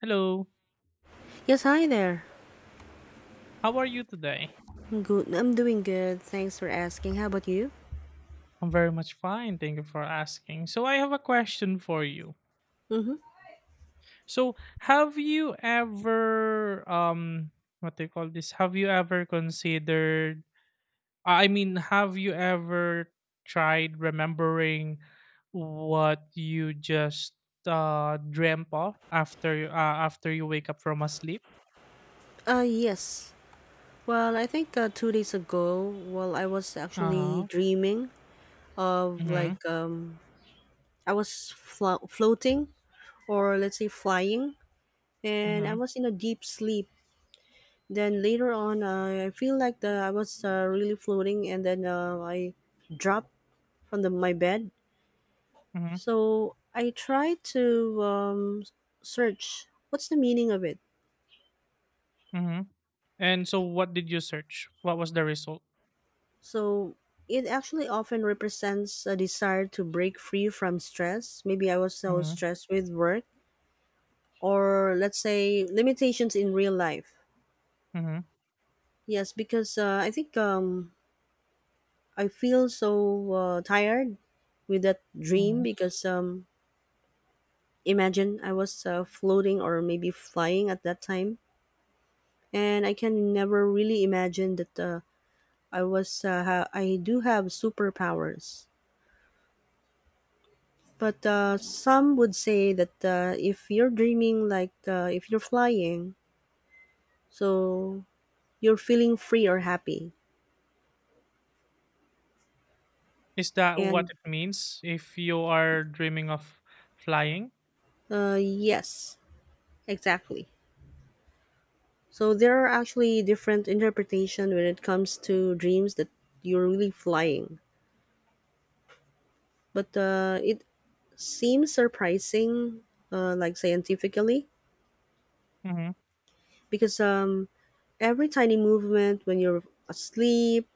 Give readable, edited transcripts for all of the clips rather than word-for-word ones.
Hello, Yes, hi there. how are you today? I'm good. I'm doing good. Thanks for asking. How about you? I'm very much fine, thank you for asking. So I have a question for you. Mm-hmm. So have you ever what do you call this? Have you ever considered, I mean, have you ever tried remembering what you just dreamt of after you wake up from a sleep? Yes. Well, I think 2 days ago, well, I was actually Uh-huh. dreaming of Mhm. I was floating, or let's say flying, and I Mhm. was in a deep sleep. Then later on, I feel like the I was really floating, and then I dropped from my bed. Mhm. So I tried to search what's the meaning of it. Mhm. And so what did you search? What was the result? So it actually often represents a desire to break free from stress. Maybe I was so Mhm. stressed with work, or let's say limitations in real life. Yes, because I think I feel so tired with that dream Mhm. because imagine I was floating or maybe flying at that time, and I can never really imagine that I was I do have superpowers. But some would say that if you're dreaming, like if you're flying, so you're feeling free or happy. Is that what And it means if you are dreaming of flying? Yes, exactly. So there are actually different interpretation when it comes to dreams that you're really flying. But it seems surprising, like scientifically, Hmm. because every tiny movement when you're asleep,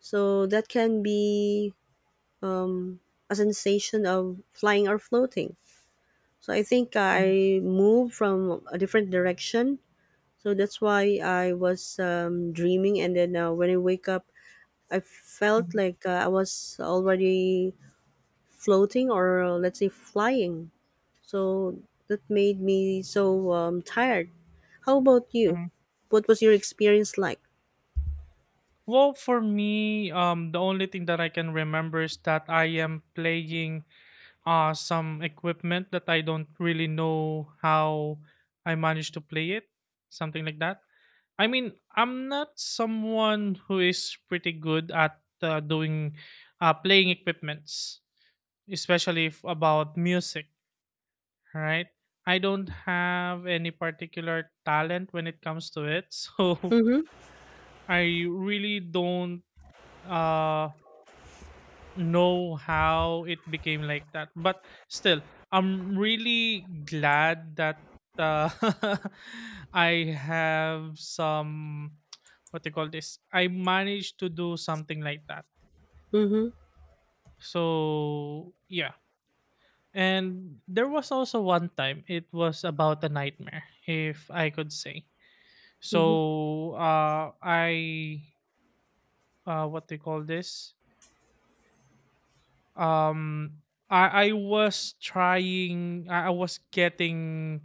so that can be um, a sensation of flying or floating. So I think Hmm. I moved from a different direction. So that's why I was dreaming, and then when I wake up, I felt Hmm. like I was already floating or let's say flying. So that made me so tired. How about you? Hmm. What was your experience like? Well, for me, the only thing that I can remember is that I am playing some equipment that I don't really know how I managed to play it, something like that. I mean, I'm not someone who is pretty good at doing, playing equipments, especially if about music, right? I don't have any particular talent when it comes to it, so Mm-hmm. I really don't uh know how it became like that, but still I'm really glad that uh, I have some, what they call this, I managed to do something like that, Mm-hmm. so yeah. And there was also one time it was about a nightmare, if I could say. So, I, what they call this, um I was trying, I was getting,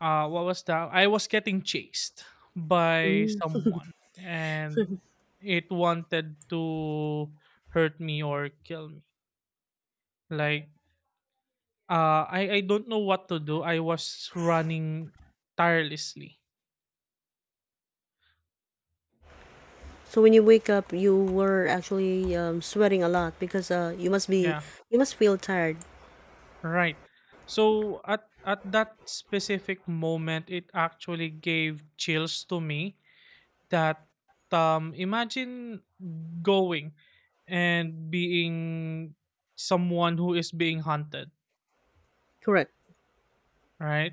what was that, I was getting chased by Mm-hmm. someone, and it wanted to hurt me or kill me, like, I don't know what to do. I was running tirelessly. So when you wake up, you were actually sweating a lot because Yeah, you must feel tired. right. So at that specific moment, it actually gave chills to me, that, imagine going and being someone who is being hunted, Correct. right?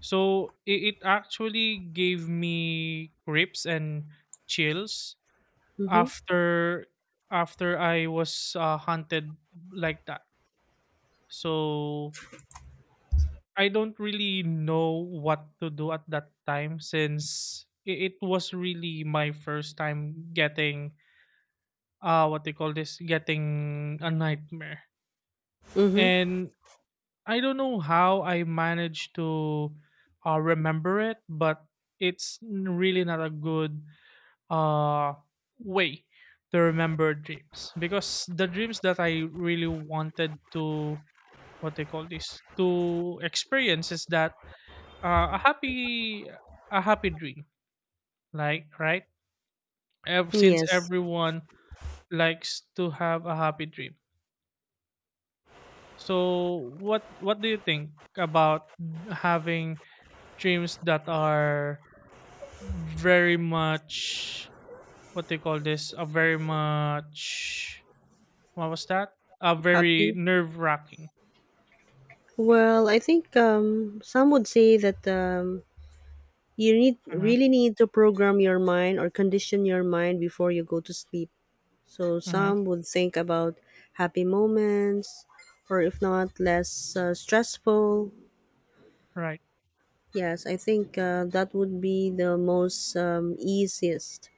So it actually gave me grips and chills Mhm. after I was hunted like that. So I don't really know what to do at that time, since it was really my first time getting, what they call this, getting a nightmare. Mhm. And I don't know how I managed to remember it, but it's really not a good uh way to remember dreams, because the dreams that I really wanted to, what they call this, to experience, is that, uh, a happy a happy dream, like, right? Since Yes. everyone likes to have a happy dream. So what do you think about having dreams that are very much, what do you call this? A very much, what was that? A very Happy. nerve wracking. Well, I think some would say that you need Mm-hmm. really need to program your mind or condition your mind before you go to sleep. So Mm-hmm. some would think about happy moments, or if not, less stressful. Right. Yes, I think that would be the most easiest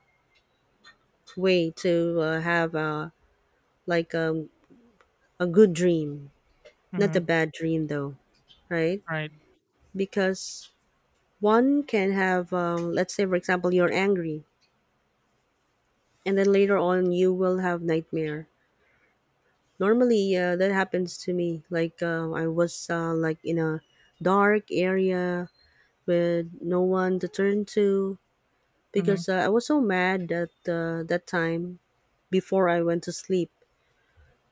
way to have a like um, a good dream, not Mm-hmm. a bad dream, though, right? Right. Because one can have let's say, for example, you're angry, and then later on you will have nightmare. Normally, that happens to me, like I was like in a dark area with no one to turn to, Mm-hmm. because I was so mad at that time before I went to sleep.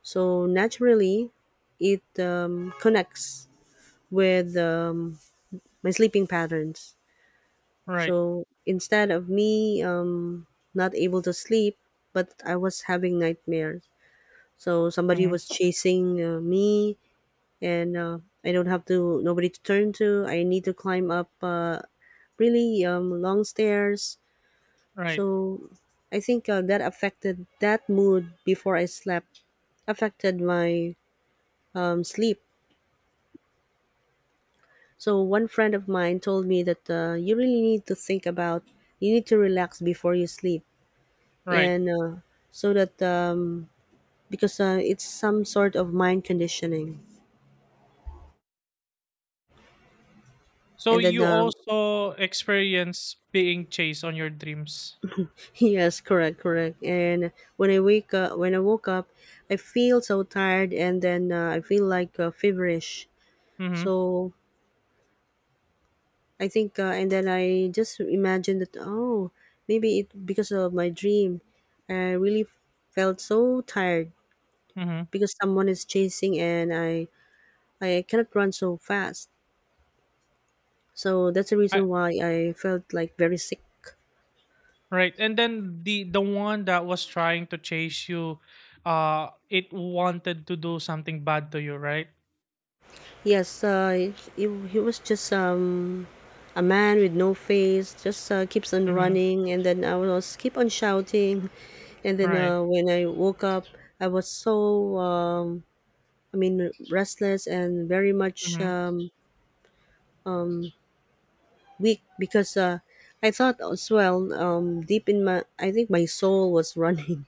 So naturally it connects with my sleeping patterns. Right. So instead of me not able to sleep, but I was having nightmares. So somebody Mm-hmm. was chasing me, and I don't have to nobody to turn to. I need to climb up really long stairs. Right. So I think that affected, that mood before I slept affected my sleep. So one friend of mine told me that you really need to think about, you need to relax before you sleep, Right. and so that because it's some sort of mind conditioning. So And then you also experience being chased on your dreams. yes, correct, correct. And when I wake up, when I woke up, I feel so tired, and then I feel like feverish. Mm-hmm. So I think, and then I just imagine that, oh, maybe it because of my dream, I really felt so tired Mm-hmm. because someone is chasing, and I cannot run so fast. So that's the I, reason why I felt like very sick. Right. And then the one that was trying to chase you, it wanted to do something bad to you, right? Yes, he was just a man with no face, just keeps on Mm-hmm. running, and then I was keep on shouting, and then Right. When I woke up, I was so I mean restless, and very much Mm-hmm. Weak, because I thought as well deep in my, I think my soul was running.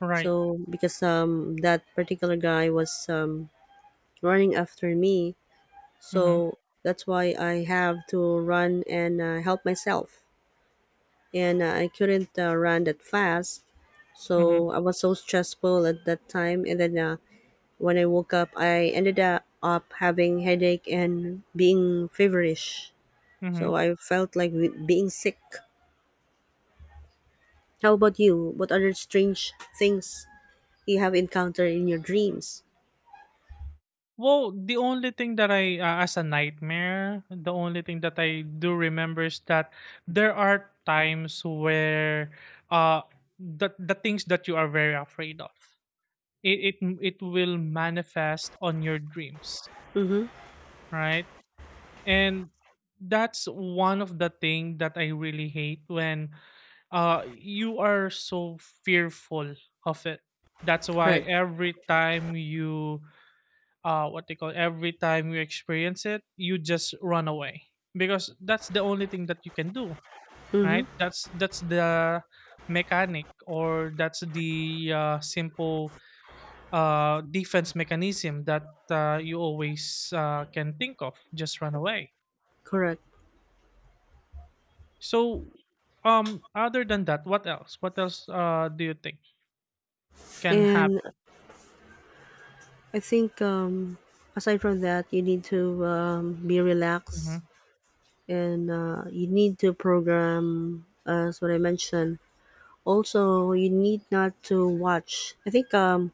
Right. So because that particular guy was running after me, Mm-hmm. so that's why I have to run and help myself. And I couldn't run that fast, Mm-hmm. so I was so stressful at that time. And then when I woke up, I ended up having headache and being feverish. Mm-hmm. So I felt like being sick. How about you? What other strange things you have encountered in your dreams? Well, the only thing that as a nightmare, the only thing that I do remember is that there are times where, uh, the things that you are very afraid of, it will manifest on your dreams, Mm-hmm. right? And that's one of the thing that I really hate, when you are so fearful of it. That's why Right. every time you, what they call, every time you experience it, you just run away, because that's the only thing that you can do, Mm-hmm. right? That's the mechanic, or that's the simple defense mechanism that you always, can think of: just run away. Correct. So, other than that, what else? What else do you think can And happen? I think aside from that, you need to be relaxed, Mm-hmm. and you need to program, as what I mentioned. Also, you need not to watch. I think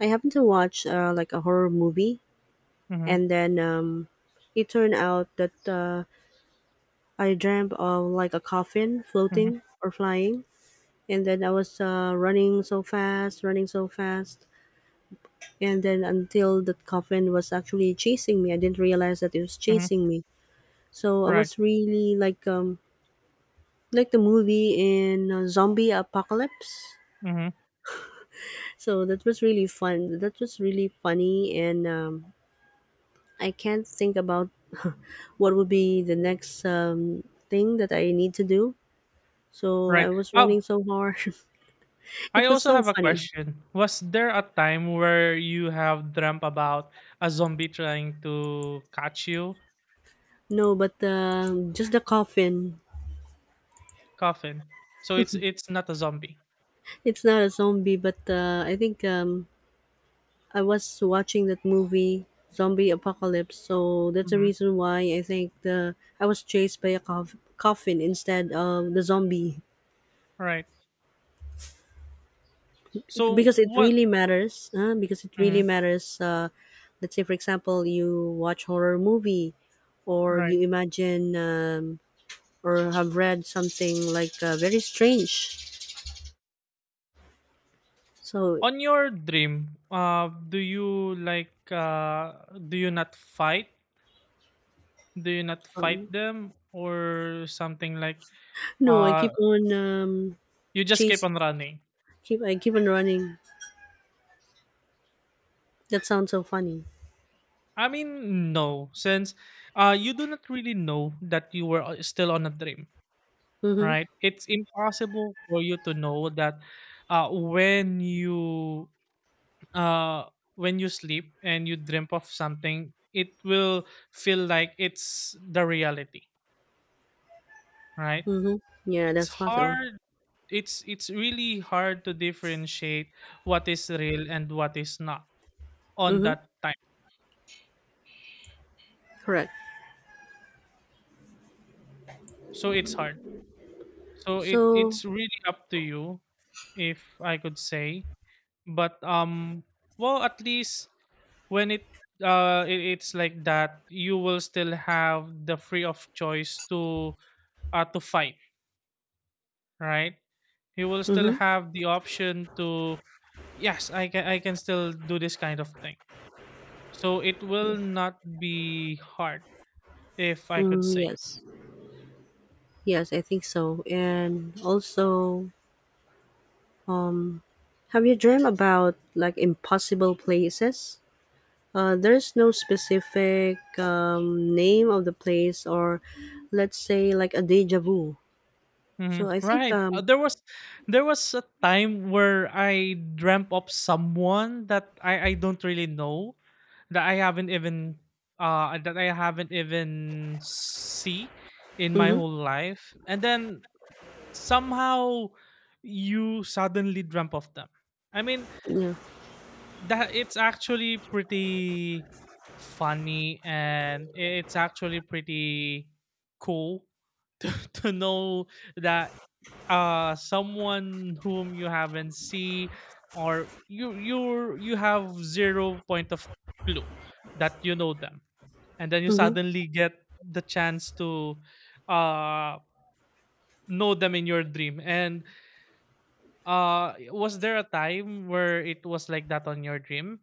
I happened to watch like a horror movie, Mm-hmm. and then it turned out that I dreamt of like a coffin Mm-hmm. floating or flying, and then I was running so fast. And then until that coffin was actually chasing me, I didn't realize that it was Mm-hmm. chasing me. So I Right. was really like the movie in Zombie Apocalypse. Mm-hmm. So that was really fun. That was really funny, and I can't think about what would be the next thing that I need to do. So Right. I was Um, running so hard. I It was also so have a funny. question. Was there a time where you have dreamt about a zombie trying to catch you? No, but just the coffin. Coffin. So it's not a zombie. It's not a zombie, but I think I was watching that movie, Zombie Apocalypse, so that's the Mm-hmm. reason why I think the I was chased by a coffin instead of the zombie. Right. So what? Because it Mm-hmm. really matters. Let's say, for example, you watch horror movie, or Right. you imagine or have read something like very strange. So On your dream, do you not fight? Do you not um, fight them, or something like no, I uh keep on you just keep chase. on running? Keep I keep on running. That sounds so funny. I mean, no, since you do not really know that you were still on a dream, Hmm. right? It's impossible for you to know that uh when you when you sleep and you dream of something, it will feel like it's the reality, right? Mm-hmm. Yeah, It's that's possible. hard. It's really hard to differentiate what is real and what is not on Mm-hmm. that time. Correct. So it's hard. So it So, it's really up to you, if I could say. But, well, at least when it's like that, you will still have the free of choice to fight, right? You will still mm-hmm. have the option to, yes, I can still do this kind of thing. So it will not be hard, if I could Mm, say. yes. Yes, I think so. And also, have you dreamed about like impossible places? There's no specific name of the place, or let's say like a deja vu. So Mhm, I think right. There was a time where I dreamt of someone that I don't really know, that I haven't even see in my mm-hmm. whole life. And then somehow you suddenly dreamt of them. I mean, Yeah. that it's actually pretty funny, and it's actually pretty cool, to know that someone whom you haven't see, or you have zero point of clue that you know them, and then you Mm-hmm. suddenly get the chance to uh know them in your dream. And was there a time where it was like that on your dream,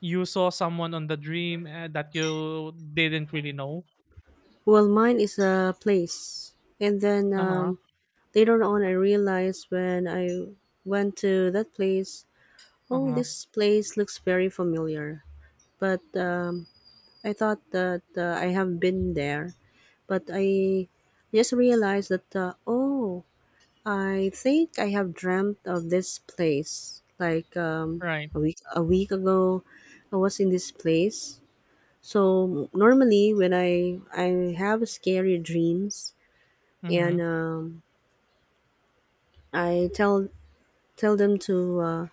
you saw someone on the dream, that you didn't really know? Well, mine is a place, and then Uh-huh. Later on, I realized when I went to that place, oh, Uh-huh. this place looks very familiar, but I thought that I have been there. But I just realized that, oh, I think I have dreamt of this place like Right. A week ago. I was in this place. So normally when I have scary dreams and Mhm. I tell them to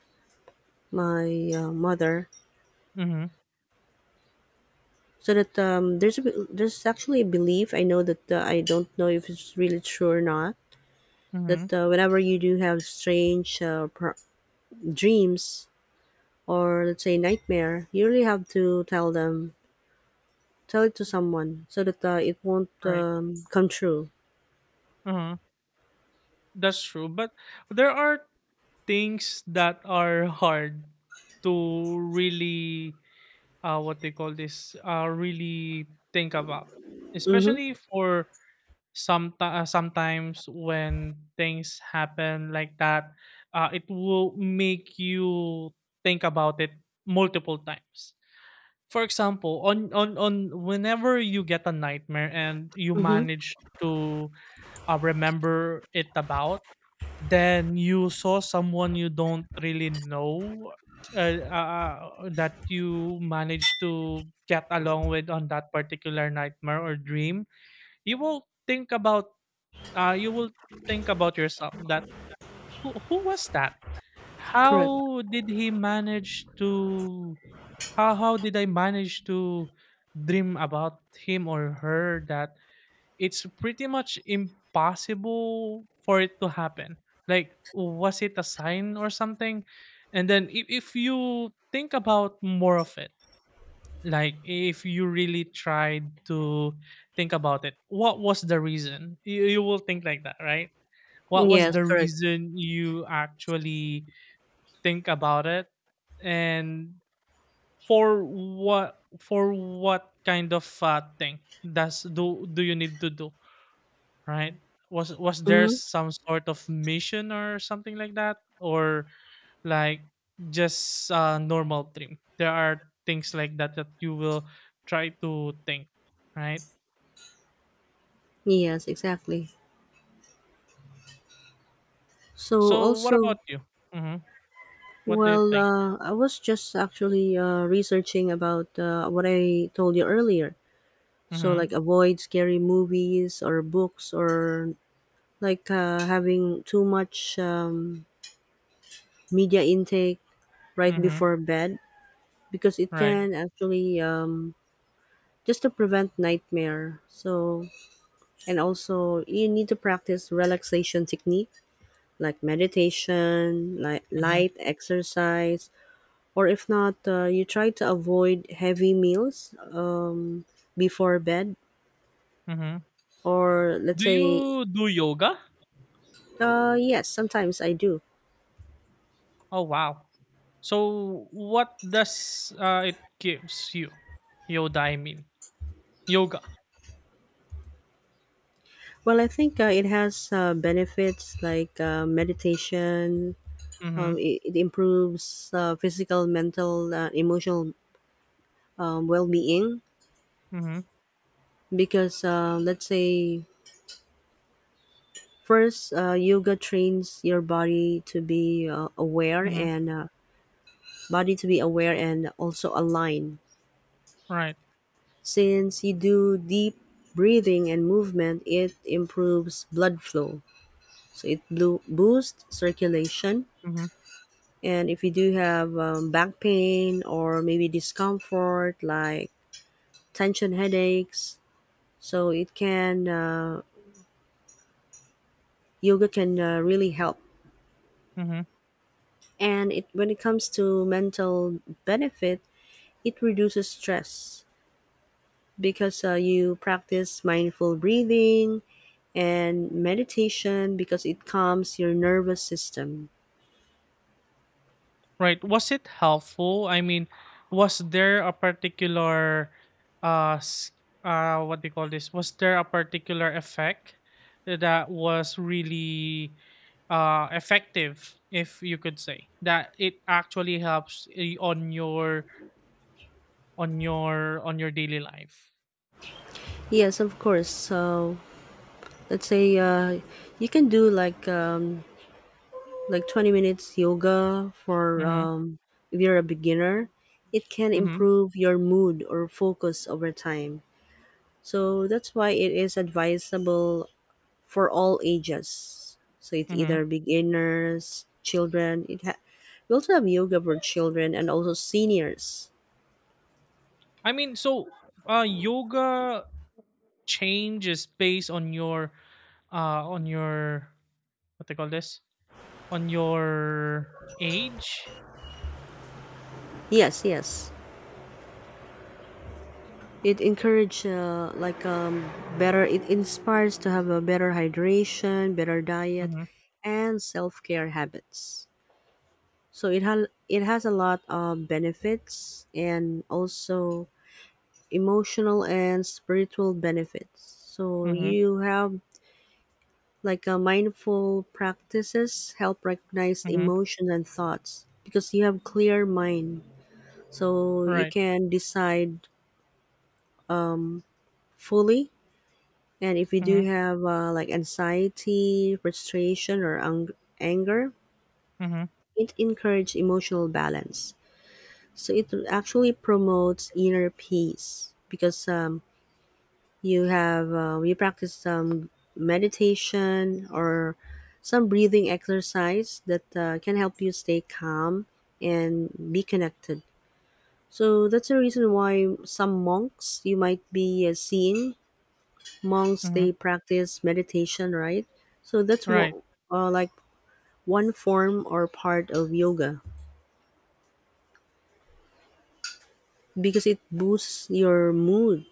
my mother, Mhm. so that there's actually a belief. I know that I don't know if it's really true or not, Mhm. that whenever you do have strange dreams or let's say nightmare, you really have to tell it to someone so that it won't Right. Come true. Uh-huh. That's true, but there are things that are hard to really, what they call this, really think about, Mm-hmm. especially for sometimes when things happen like that, it will make you think about it multiple times. For example, on whenever you get a nightmare and you Mm-hmm. manage to remember it about, then you saw someone you don't really know, uh, uh, that you managed to get along with on that particular nightmare or dream. You will think about you will think about yourself, that who was that, Correct. how did he manage to, how did I manage to dream about him or her, that it's pretty much impossible for it to happen? Like, was it a sign or something? And then if you think about more of it, like if you really tried to think about it, what was the reason? You will think like that, right? What was Yes, the correct. reason you actually think about it, and for what kind of thing does do do you need to do, right? Was there Mm-hmm. some sort of mission or something like that, or like just a normal dream? There are things like that that you will try to think, right? Yes, exactly. So So what also, about you? Hmm. What do you well, think? I was just actually researching about what I told you earlier. So Mm-hmm. like avoid scary movies or books or like having too much media intake right Mm-hmm. before bed, because it Right. can actually just to prevent nightmare. So and also you need to practice relaxation technique like meditation, like Mm-hmm. light exercise, or if not, you try to avoid heavy meals before bed. Mm-hmm. Or let's Do say, you do yoga? Yes, sometimes I do. Oh, wow. So what does it gives you? Yoda, I mean, yoga. Well, I think it has benefits like meditation. Mm-hmm. It improves physical, mental, emotional well-being, Mm-hmm. because let's say first yoga trains your body to be aware Mm-hmm. and body to be aware and also aligned. Right. Since you do deep breathing and movement, it improves blood flow. So it boosts circulation. Mm-hmm. And if you do have back pain or maybe discomfort like tension headaches, so it can yoga can really help. Mm-hmm. And it when it comes to mental benefit, it reduces stress because you practice mindful breathing and meditation because it calms your nervous system. Right. Was it helpful? I mean, was there a particular, uh, s- what do you call this? Was there a particular effect that was really effective, if you could say, that it actually helps on your daily life? Yes, of course. So let's say you can do like 20 minutes yoga for Mm-hmm. If you're a beginner, it can Mm-hmm. improve your mood or focus over time, so that's why it is advisable for all ages. So it's Mm-hmm. either beginners, children, we also have yoga for children and also seniors. I mean, so, yoga changes based on on your, what they call this, on your age. Yes, yes, it encourage like better it inspires to have a better hydration, better diet, Mm-hmm. and self-care habits. It has a lot of benefits, and also emotional and spiritual benefits. So Mm-hmm. you have like a mindful practices help recognize Mm-hmm. emotions and thoughts because you have clear mind. So you Right. can decide fully. And if you Mm-hmm. do have like anxiety, frustration or anger, Mm-hmm. it encourage emotional balance. So it actually promotes inner peace because you have you practice some meditation or some breathing exercise that can help you stay calm and be connected. So that's the reason why some monks you might be seeing monks Mm-hmm. they practice meditation, right? So that's what Right. Like one form or part of yoga, because it boosts your mood.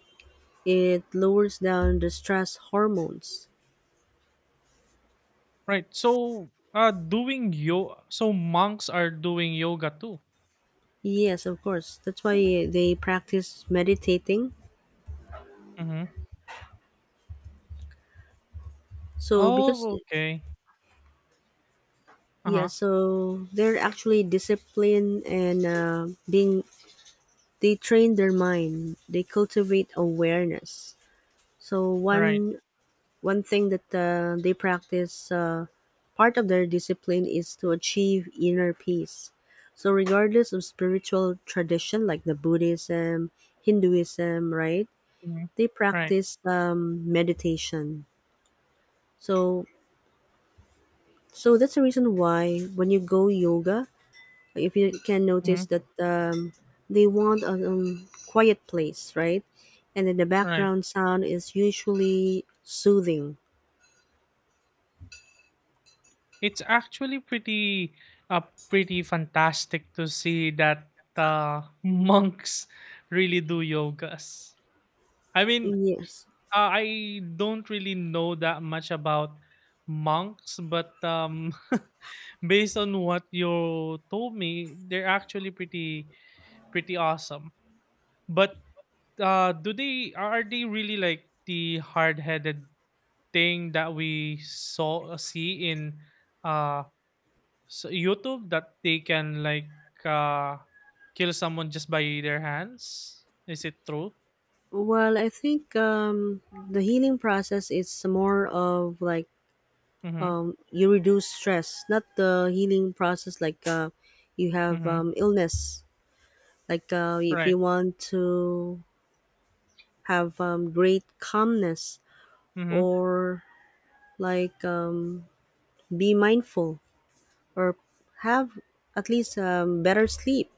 It lowers down the stress hormones. Right. So, so monks are doing yoga too. Yes, of course. That's why they practice meditating. Mm-hmm. So because Oh, okay. Uh yeah, huh. so they're actually disciplined and being they train their mind. They cultivate awareness. So Right. one thing that they practice, part of their discipline is to achieve inner peace. So regardless of spiritual tradition like the Buddhism, Hinduism, right? Mm-hmm. They Right. practice meditation. So so that's the reason why when you go yoga, if you can Mm-hmm. notice that they want a quiet place, right? And then the Right. background sound is usually soothing. It's actually pretty, pretty fantastic to see that, monks really do yogas. I mean, Yes. I don't really know that much about monks, but, based on what you told me, they're actually pretty awesome. But, do they are they really like the hard headed thing that we saw see in, uh so, YouTube, that they can, like, uh, kill someone just by their hands? Is it true? Well, I think the healing process is more of like Mm-hmm. you reduce stress, not the healing process like you have Mm-hmm. Illness. Like if Right. you want to have great calmness Mm-hmm. or like be mindful or have at least better sleep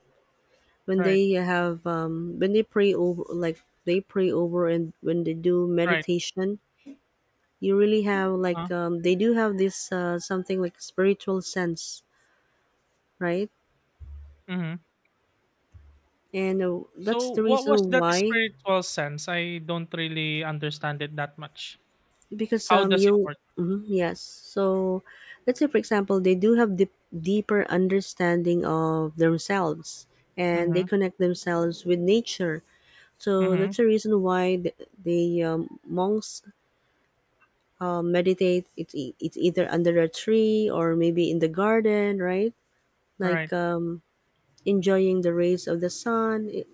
when Right. they have when they pray over, like they pray over and when they do Right. meditation you really have like Uh-huh. They do have this something like spiritual sense, right? Mm-hmm. And that's So the what was reason that why spiritual sense? I don't really understand it that much. because How does it you work? mhm, yes, so let's say for example they do have deep, deeper understanding of themselves and they Mm-hmm. connect themselves with nature. So Mm-hmm. that's the reason why the monks meditate, it's either under a tree or maybe in the garden, right? Right. Like enjoying the rays of the sun. It-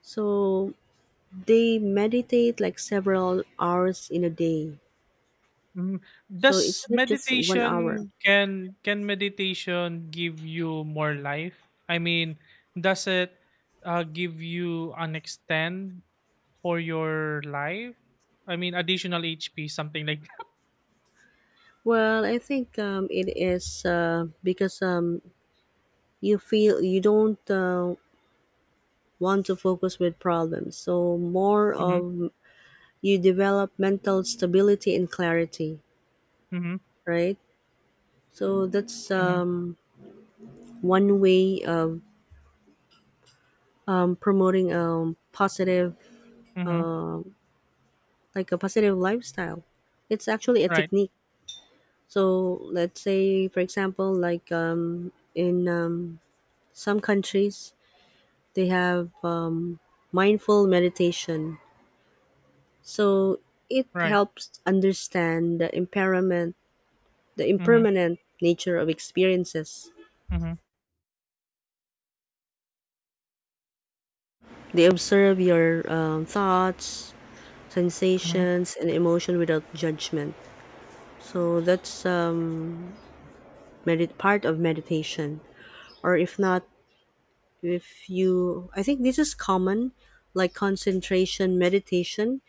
so they meditate like several hours in a day, Hmm. so Does it's not just one hour. meditation Can meditation give you more life? I mean, does it give you an extend for your life? I mean, additional HP, something like that. Well, I think it is, because you feel you don't want to focus with problems. So more Mhm. of you develop mental stability and clarity, Mhm. right? So that's Mhm. One way of promoting positive, Mhm. like a positive lifestyle. It's actually a Right, technique. So let's say, for example, like in some countries, they have mindful meditation, so it right. helps understand the Mhm. impermanent nature of experiences. Mhm. They observe your thoughts, Mhm. sensations and emotion without judgment. So that's part of meditation, or if not, if you, I think this is common, like concentration meditation,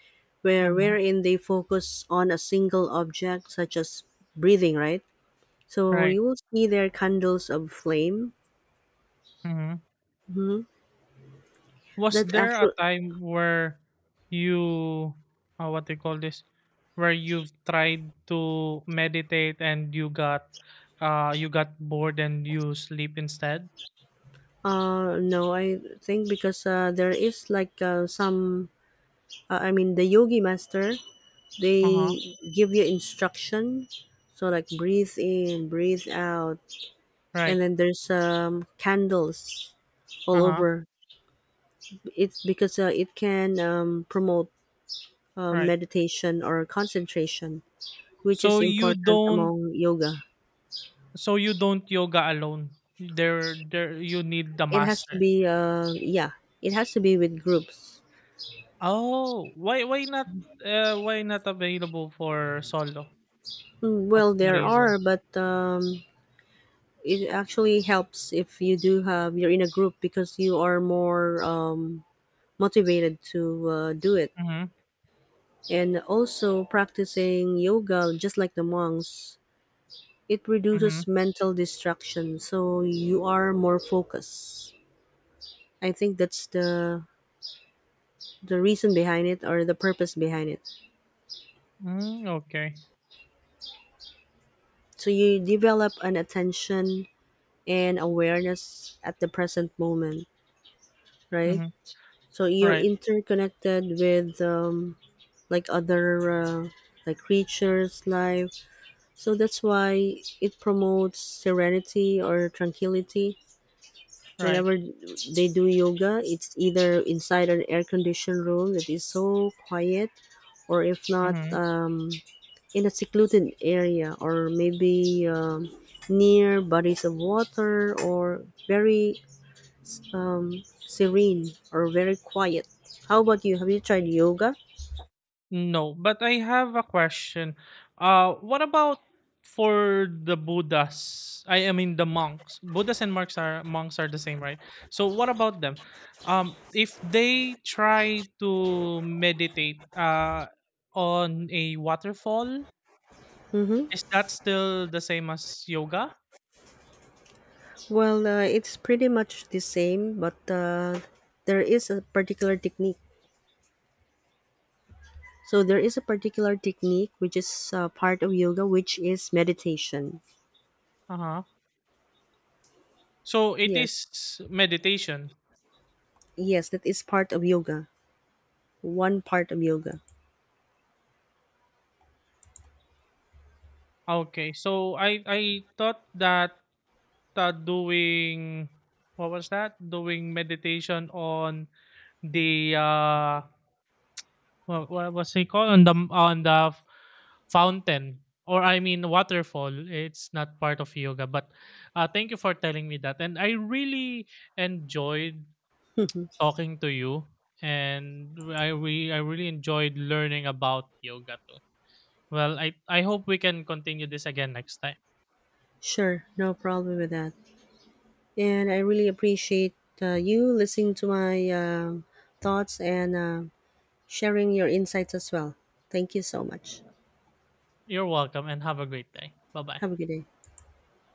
where Mhm. wherein they focus on a single object such as breathing, right? So Right. you will see their candles of flame Mhm. Was that there a actual time where you, what do you call this, where you've tried to meditate and you got bored and you sleep instead? No, I think because there is like some, I mean the yogi master, Uh huh. they give you instruction, so like breathe in, breathe out. Right. And then there's candles all Uh huh. over. It's because it can promote Right. meditation or concentration, which So is you important don't among yoga. so you don't yoga alone. There, you need the It has to master. be, yeah, it has to be with groups. Oh, why not available for solo? Mm, well, What's the there reason? are, but it actually helps if you do have you're in a group, because you are more motivated to do it. Mhm. And also practicing yoga, just like the monks, it Mhm. reduces mental distraction, so you are more focused. I think that's the reason behind it, or the purpose behind it. Mm, okay. So you develop an attention and awareness at the present moment, right? Mhm. So you're Right. interconnected with like other like creatures, life. So that's why it promotes serenity or tranquility. Right. Whenever they do yoga, it's either inside an air-conditioned room that is so quiet, or if not, Mhm. In a secluded area, or maybe near bodies of water, or very serene or very quiet. How about you? Have you tried yoga? No, but I have a question. What about for the Buddhas? I mean the monks. Buddhas and monks, are the same, right? So what about them? If they try to meditate on a waterfall, is that still the same as yoga? Well, it's pretty much the same, but there is a particular technique. So there is a particular technique which is part of yoga, which is meditation. Uh-huh. So it Yes, is meditation. yes, that is part of yoga. One part of yoga. Okay. So I thought that, doing, what was that? Doing meditation on the, what was it called, on the fountain, or, I mean, waterfall. It's not part of yoga, but, thank you for telling me that. And I really enjoyed talking to you, and I really enjoyed learning about yoga too. Well, I hope we can continue this again next time. Sure, no problem with that. And I really appreciate you listening to my thoughts and sharing your insights as well. Thank you so much. You're welcome, and have a great day. Bye bye. Have a good day.